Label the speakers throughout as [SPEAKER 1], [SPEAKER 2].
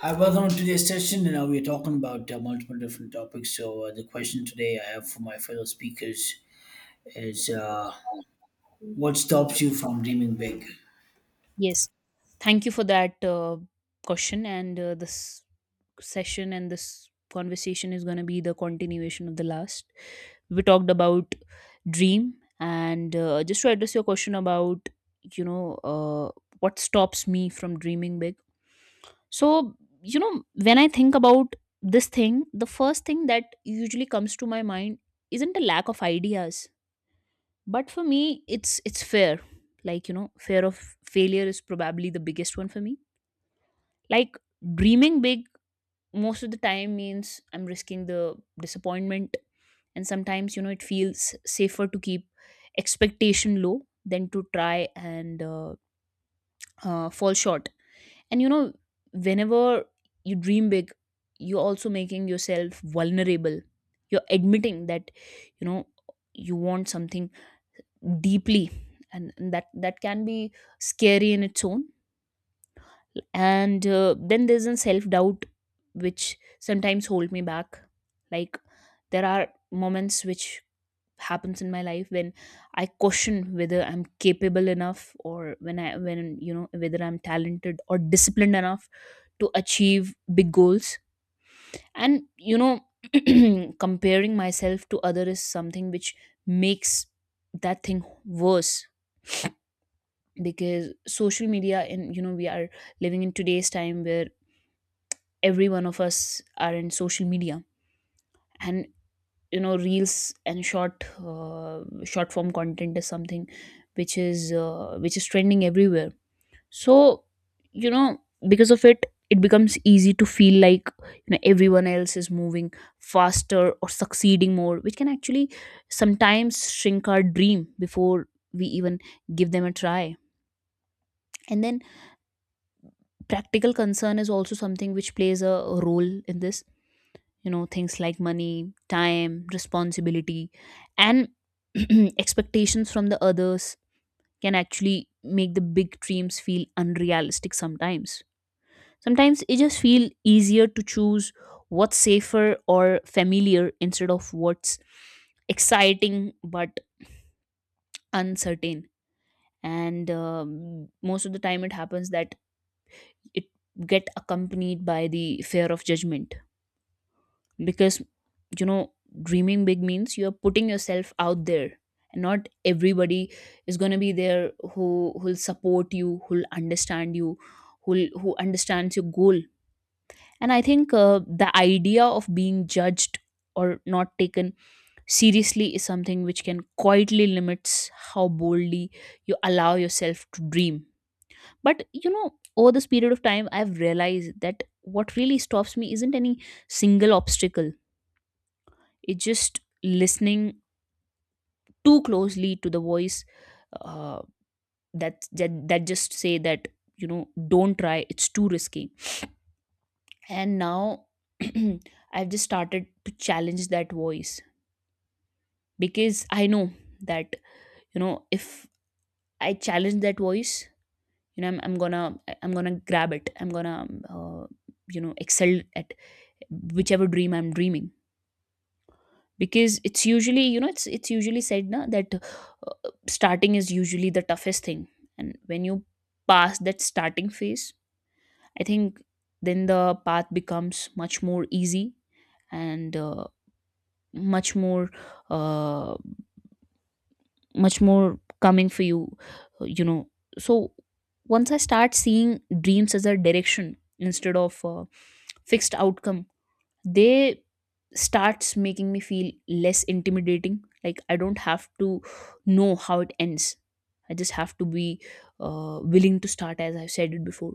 [SPEAKER 1] Hi, welcome to today's session. And now we are talking about multiple different topics. So the question today I have for my fellow speakers is, what stops you from dreaming big?
[SPEAKER 2] Yes, thank you for that question, and this session and this conversation is going to be the continuation of the last. We talked about dream, and just to address your question about you know uh, what stops me from dreaming big. So, you know, when I think about this thing, the first thing that usually comes to my mind isn't a lack of ideas, but for me it's fear, like, you know, fear of failure is probably the biggest one for me. Like, dreaming big most of the time means I'm risking the disappointment, and sometimes, you know, it feels safer to keep expectation low than to try and fall short. And, you know, whenever you dream big, you're also making yourself vulnerable. You're admitting that, you know, you want something deeply, and that can be scary in its own. And then there's a self doubt which sometimes hold me back. Like, there are moments which happens in my life when I question whether I'm capable enough, or when I when you know, whether I'm talented or disciplined enough to achieve big goals. And, you know, comparing myself to other is something which makes that thing worse, because social media and, you know, we are living in today's time where every one of us are in social media. And, you know, reels and short form content is something which is trending everywhere. So, you know, because of it, it becomes easy to feel like, you know, everyone else is moving faster or succeeding more, which can actually sometimes shrink our dream before we even give them a try. And then practical concern is also something which plays a role in this. You know, things like money, time, responsibility, and expectations from the others can actually make the big dreams feel unrealistic sometimes. Sometimes it just feel easier to choose what's safer or familiar instead of what's exciting but uncertain. And most of the time it happens that it get accompanied by the fear of judgment, because, you know, dreaming big means you are putting yourself out there, and not everybody is going to be there who who'll support you, who'll understand you, who understands your goal. And I think the idea of being judged or not taken seriously is something which can quietly limits how boldly you allow yourself to dream. But, you know, over this period of time, I've realized that what really stops me isn't any single obstacle. It's just listening too closely to the voice uh, that just say that, you know, don't try, it's too risky. And now I've just started to challenge that voice, because I know that, you know, if I challenge that voice, you know, I'm gonna grab it. I'm gonna you know, excel at whichever dream I'm dreaming. Because it's usually, you know, it's usually said na, that starting is usually the toughest thing. And when you pass that starting phase, I think then the path becomes much more easy, and much more uh, much more coming for you. Uh, you know so once I start seeing dreams as a direction instead of fixed outcome, they starts making me feel less intimidating. Like, I don't have to know how it ends. I just have to be willing to start, as I've said it before.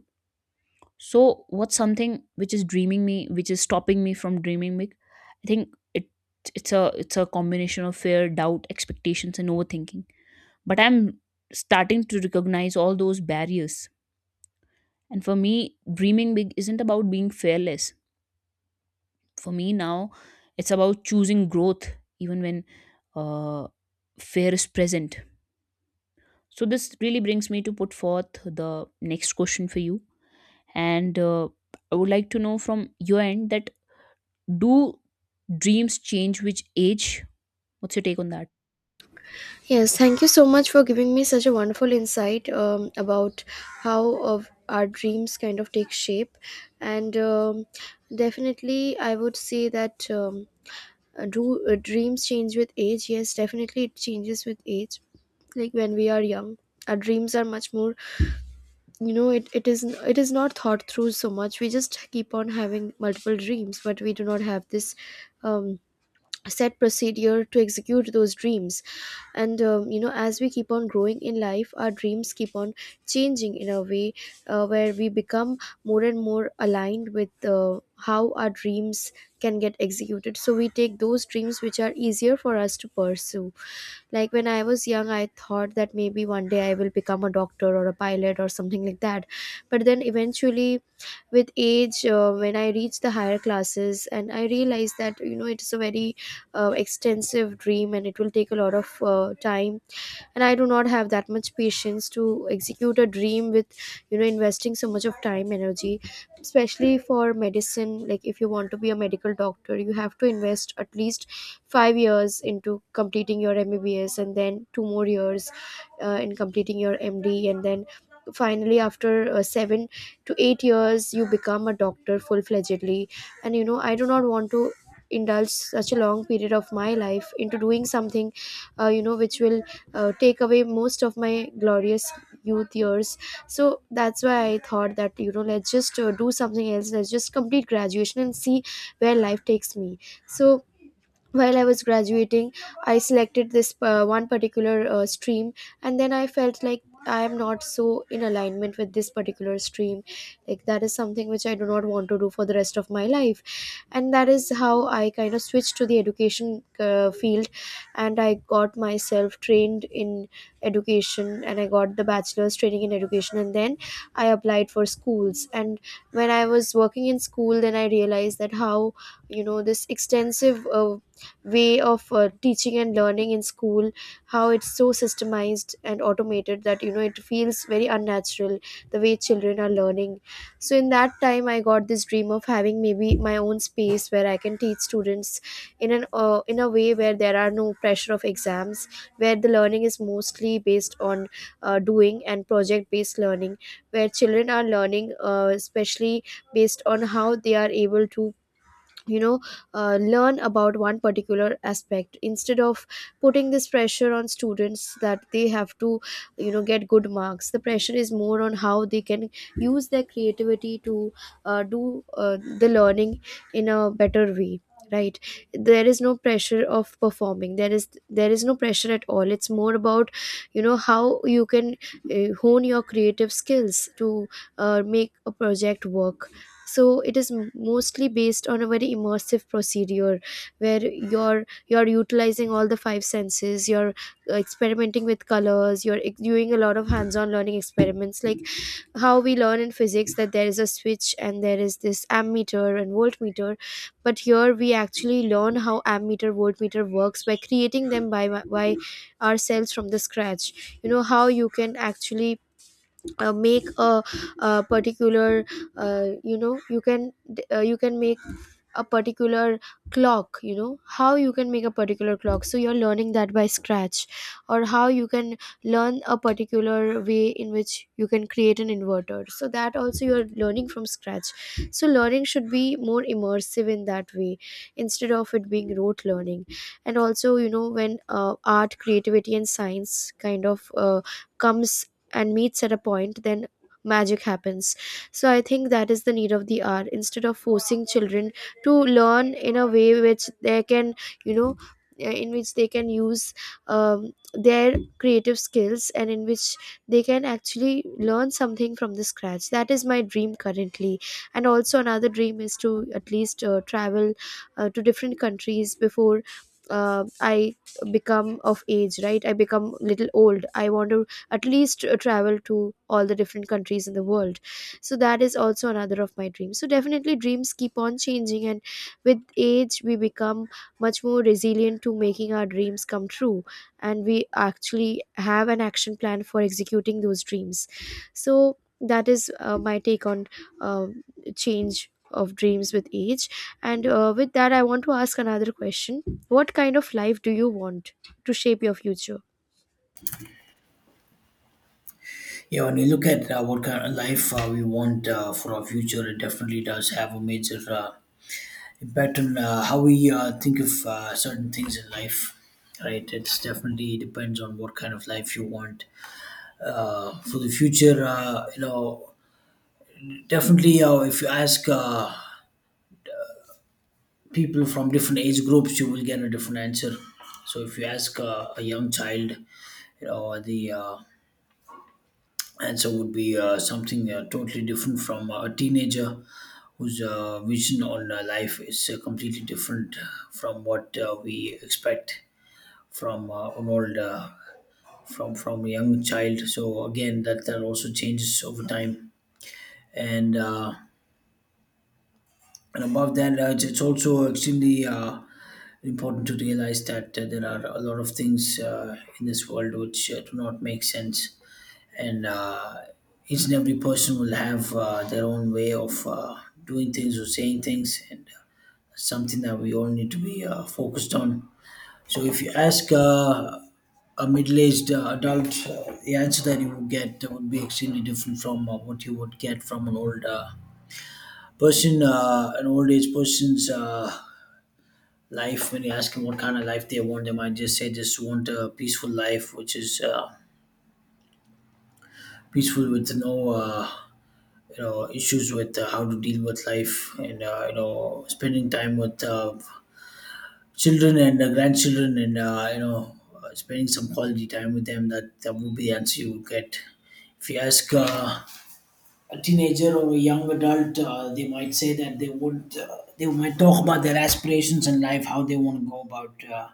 [SPEAKER 2] So what's something which is dreaming me, which is stopping me from dreaming big? I think it's a combination of fear, doubt, expectations and overthinking. But I'm starting to recognize all those barriers, and for me dreaming big isn't about being fearless. For me now, it's about choosing growth, even when uh, fear is present. So this really brings me to put forth the next question for you. And I would like to know from your end that, do dreams change with age? What's your take on that?
[SPEAKER 3] Yes, thank you so much for giving me such a wonderful insight about how of our dreams kind of take shape. And Definitely, I would say that do dreams change with age? Yes, definitely, it changes with age. Like when we are young, our dreams are much more. You know, it is not thought through so much. We just keep on having multiple dreams, but we do not have this. Um, Set procedure to execute those dreams, and you know, as we keep on growing in life, our dreams keep on changing in a way where we become more and more aligned with how our dreams can get executed. So we take those dreams which are easier for us to pursue. Like when I was young, I thought that maybe one day I will become a doctor or a pilot or something like that, but then eventually with age, when I reached the higher classes, and I realized that, you know, it's a very extensive dream and it will take a lot of time, and I do not have that much patience to execute a dream with, you know, investing so much of time, energy, especially for medicine. Like if you want to be a medical doctor, you have to invest at least 5 years into completing your mbbs, and then 2 more years in completing your md, and then finally after 7 to 8 years you become a doctor full fledgedly. And you know, I do not want to indulge such a long period of my life into doing something, you know, which will take away most of my glorious youth years. So that's why I thought that, you know, let's just do something else, let's just complete graduation and see where life takes me. So while I was graduating, I selected this one particular stream, and then I felt like I am not so in alignment with this particular stream. Like that is something which I do not want to do for the rest of my life, and that is how I kind of switched to the education field. And I got myself trained in education, and I got the bachelor's training in education, and then I applied for schools. And when I was working in school, then I realized that how, you know, this extensive way of teaching and learning in school, how it's so systemized and automated that, you know, it feels very unnatural the way children are learning. So in that time, I got this dream of having maybe my own space where I can teach students in an in a way where there are no pressure of exams, where the learning is mostly based on doing and project based learning, where children are learning, especially based on how they are able to, you know, learn about one particular aspect, instead of putting this pressure on students that they have to, you know, get good marks. The pressure is more on how they can use their creativity to do the learning in a better way, right? There is no pressure of performing, there is no pressure at all. It's more about, you know, how you can hone your creative skills to make a project work. So it is mostly based on a very immersive procedure, where you're utilizing all the five senses, you're experimenting with colors, you're doing a lot of hands-on learning experiments. Like how we learn in physics that there is a switch, and there is this ammeter and voltmeter, but here we actually learn how ammeter voltmeter works by creating them by by ourselves from the scratch. You know, how you can actually make a particular you know, you can make a particular clock, you know, how you can make a particular clock. So you're learning that by scratch. Or how you can learn a particular way in which you can create an inverter, so that also you're learning from scratch. So learning should be more immersive in that way, instead of it being rote learning. And also, you know, when art, creativity and science kind of comes and meets at a point, then magic happens. So I think that is the need of the hour, instead of forcing children to learn in a way which they can, you know in which they can use their creative skills, and in which they can actually learn something from the scratch. That is my dream currently. And also another dream is to at least travel to different countries before I become of age, right? I become little old. I want to at least travel to all the different countries in the world. So that is also another of my dreams. So definitely, dreams keep on changing, and with age we become much more resilient to making our dreams come true, and we actually have an action plan for executing those dreams. So that is my take on um, change of dreams with age. And with that, I want to ask another question. What kind of life do you want to shape your future?
[SPEAKER 1] Yeah, when we look at what kind of life we want for our future, it definitely does have a major impact on how we think of certain things in life. Right, it's definitely depends on what kind of life you want for the future. You know, definitely, if you ask. People from different age groups, you will get a different answer. So if you ask a young child, you know, the answer would be something totally different from a teenager whose vision on life is completely different from what we expect from an old from a young child. So again, that also changes over time, and. Uh, And above that, it's also extremely important to realize that there are a lot of things in this world which do not make sense. And each and every person will have their own way of doing things or saying things, and something that we all need to be focused on. So, if you ask a middle aged adult, the answer that you would get would be extremely different from what you would get from an old person. An old age person's life, when you ask them what kind of life they want, they might just say just want a peaceful life which is peaceful with no you know issues with how to deal with life, and you know spending time with children and grandchildren, and you know spending some quality time with them. That would be the answer you would get if you ask a teenager or a young adult. They might say that they would, they might talk about their aspirations in life, how they want to go about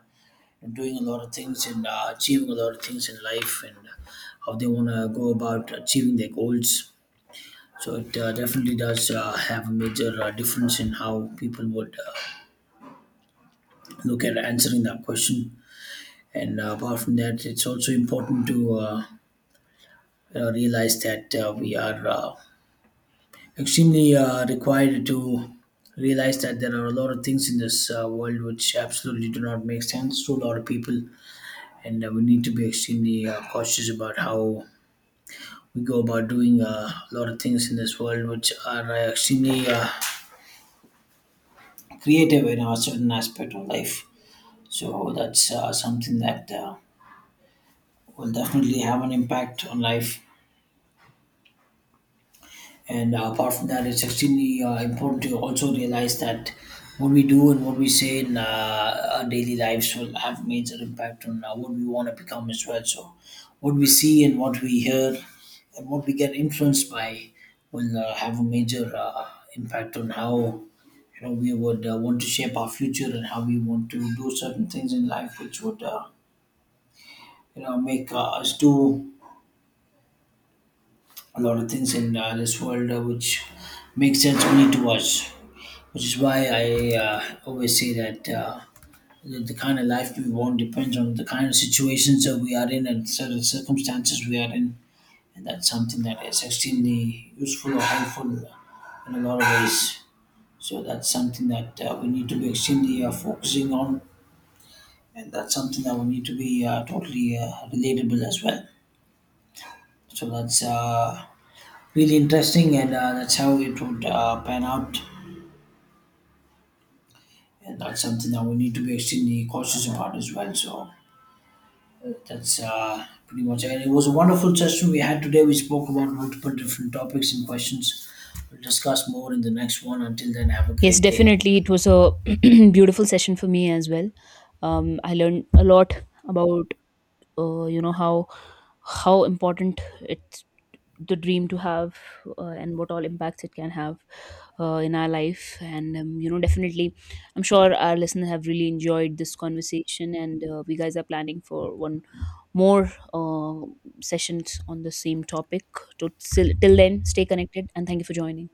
[SPEAKER 1] and doing a lot of things and achieving a lot of things in life, and how they want to go about achieving their goals. So it definitely does have a major difference in how people would look at answering that question. And apart from that, it's also important to you know, realize that we are extremely required to realize that there are a lot of things in this world which absolutely do not make sense to a lot of people, and we need to be extremely cautious about how we go about doing a lot of things in this world which are extremely creative in a certain aspect of life. So that's something that will definitely have an impact on life. And apart from that, it's extremely important to also realize that what we do and what we say in our daily lives will have major impact on what we want to become as well. So, what we see and what we hear and what we get influenced by will have a major impact on how you know we would want to shape our future and how we want to do certain things in life, which would you know make us do a lot of things in this world, which makes sense only to us, which is why I always say that the kind of life we want depends on the kind of situations that we are in and certain circumstances we are in, and that's something that is extremely useful or helpful in a lot of ways. So that's something that we need to be extremely focusing on, and that's something that we need to be totally relatable as well. So that's really interesting, and that's how it would pan out, and that's something that we need to be extremely cautious about as well. So That's pretty much it. It was a wonderful session we had today. We spoke about multiple different topics and questions. We'll discuss more in the next one. Until then, have a
[SPEAKER 2] Yes,
[SPEAKER 1] great day.
[SPEAKER 2] definitely, it was a beautiful session for me as well. I learned a lot about you know, how important it the dream to have and what all impacts it can have in our life. And you know, definitely I'm sure our listeners have really enjoyed this conversation. And we guys are planning for one more sessions on the same topic. So till then, stay connected, and thank you for joining.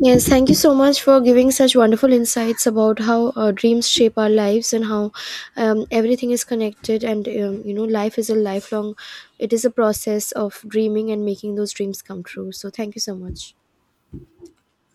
[SPEAKER 3] Yes, thank you so much for giving such wonderful insights about how dreams shape our lives, and how everything is connected. And you know, life is a lifelong, it is a process of dreaming and making those dreams come true. So, thank you so much.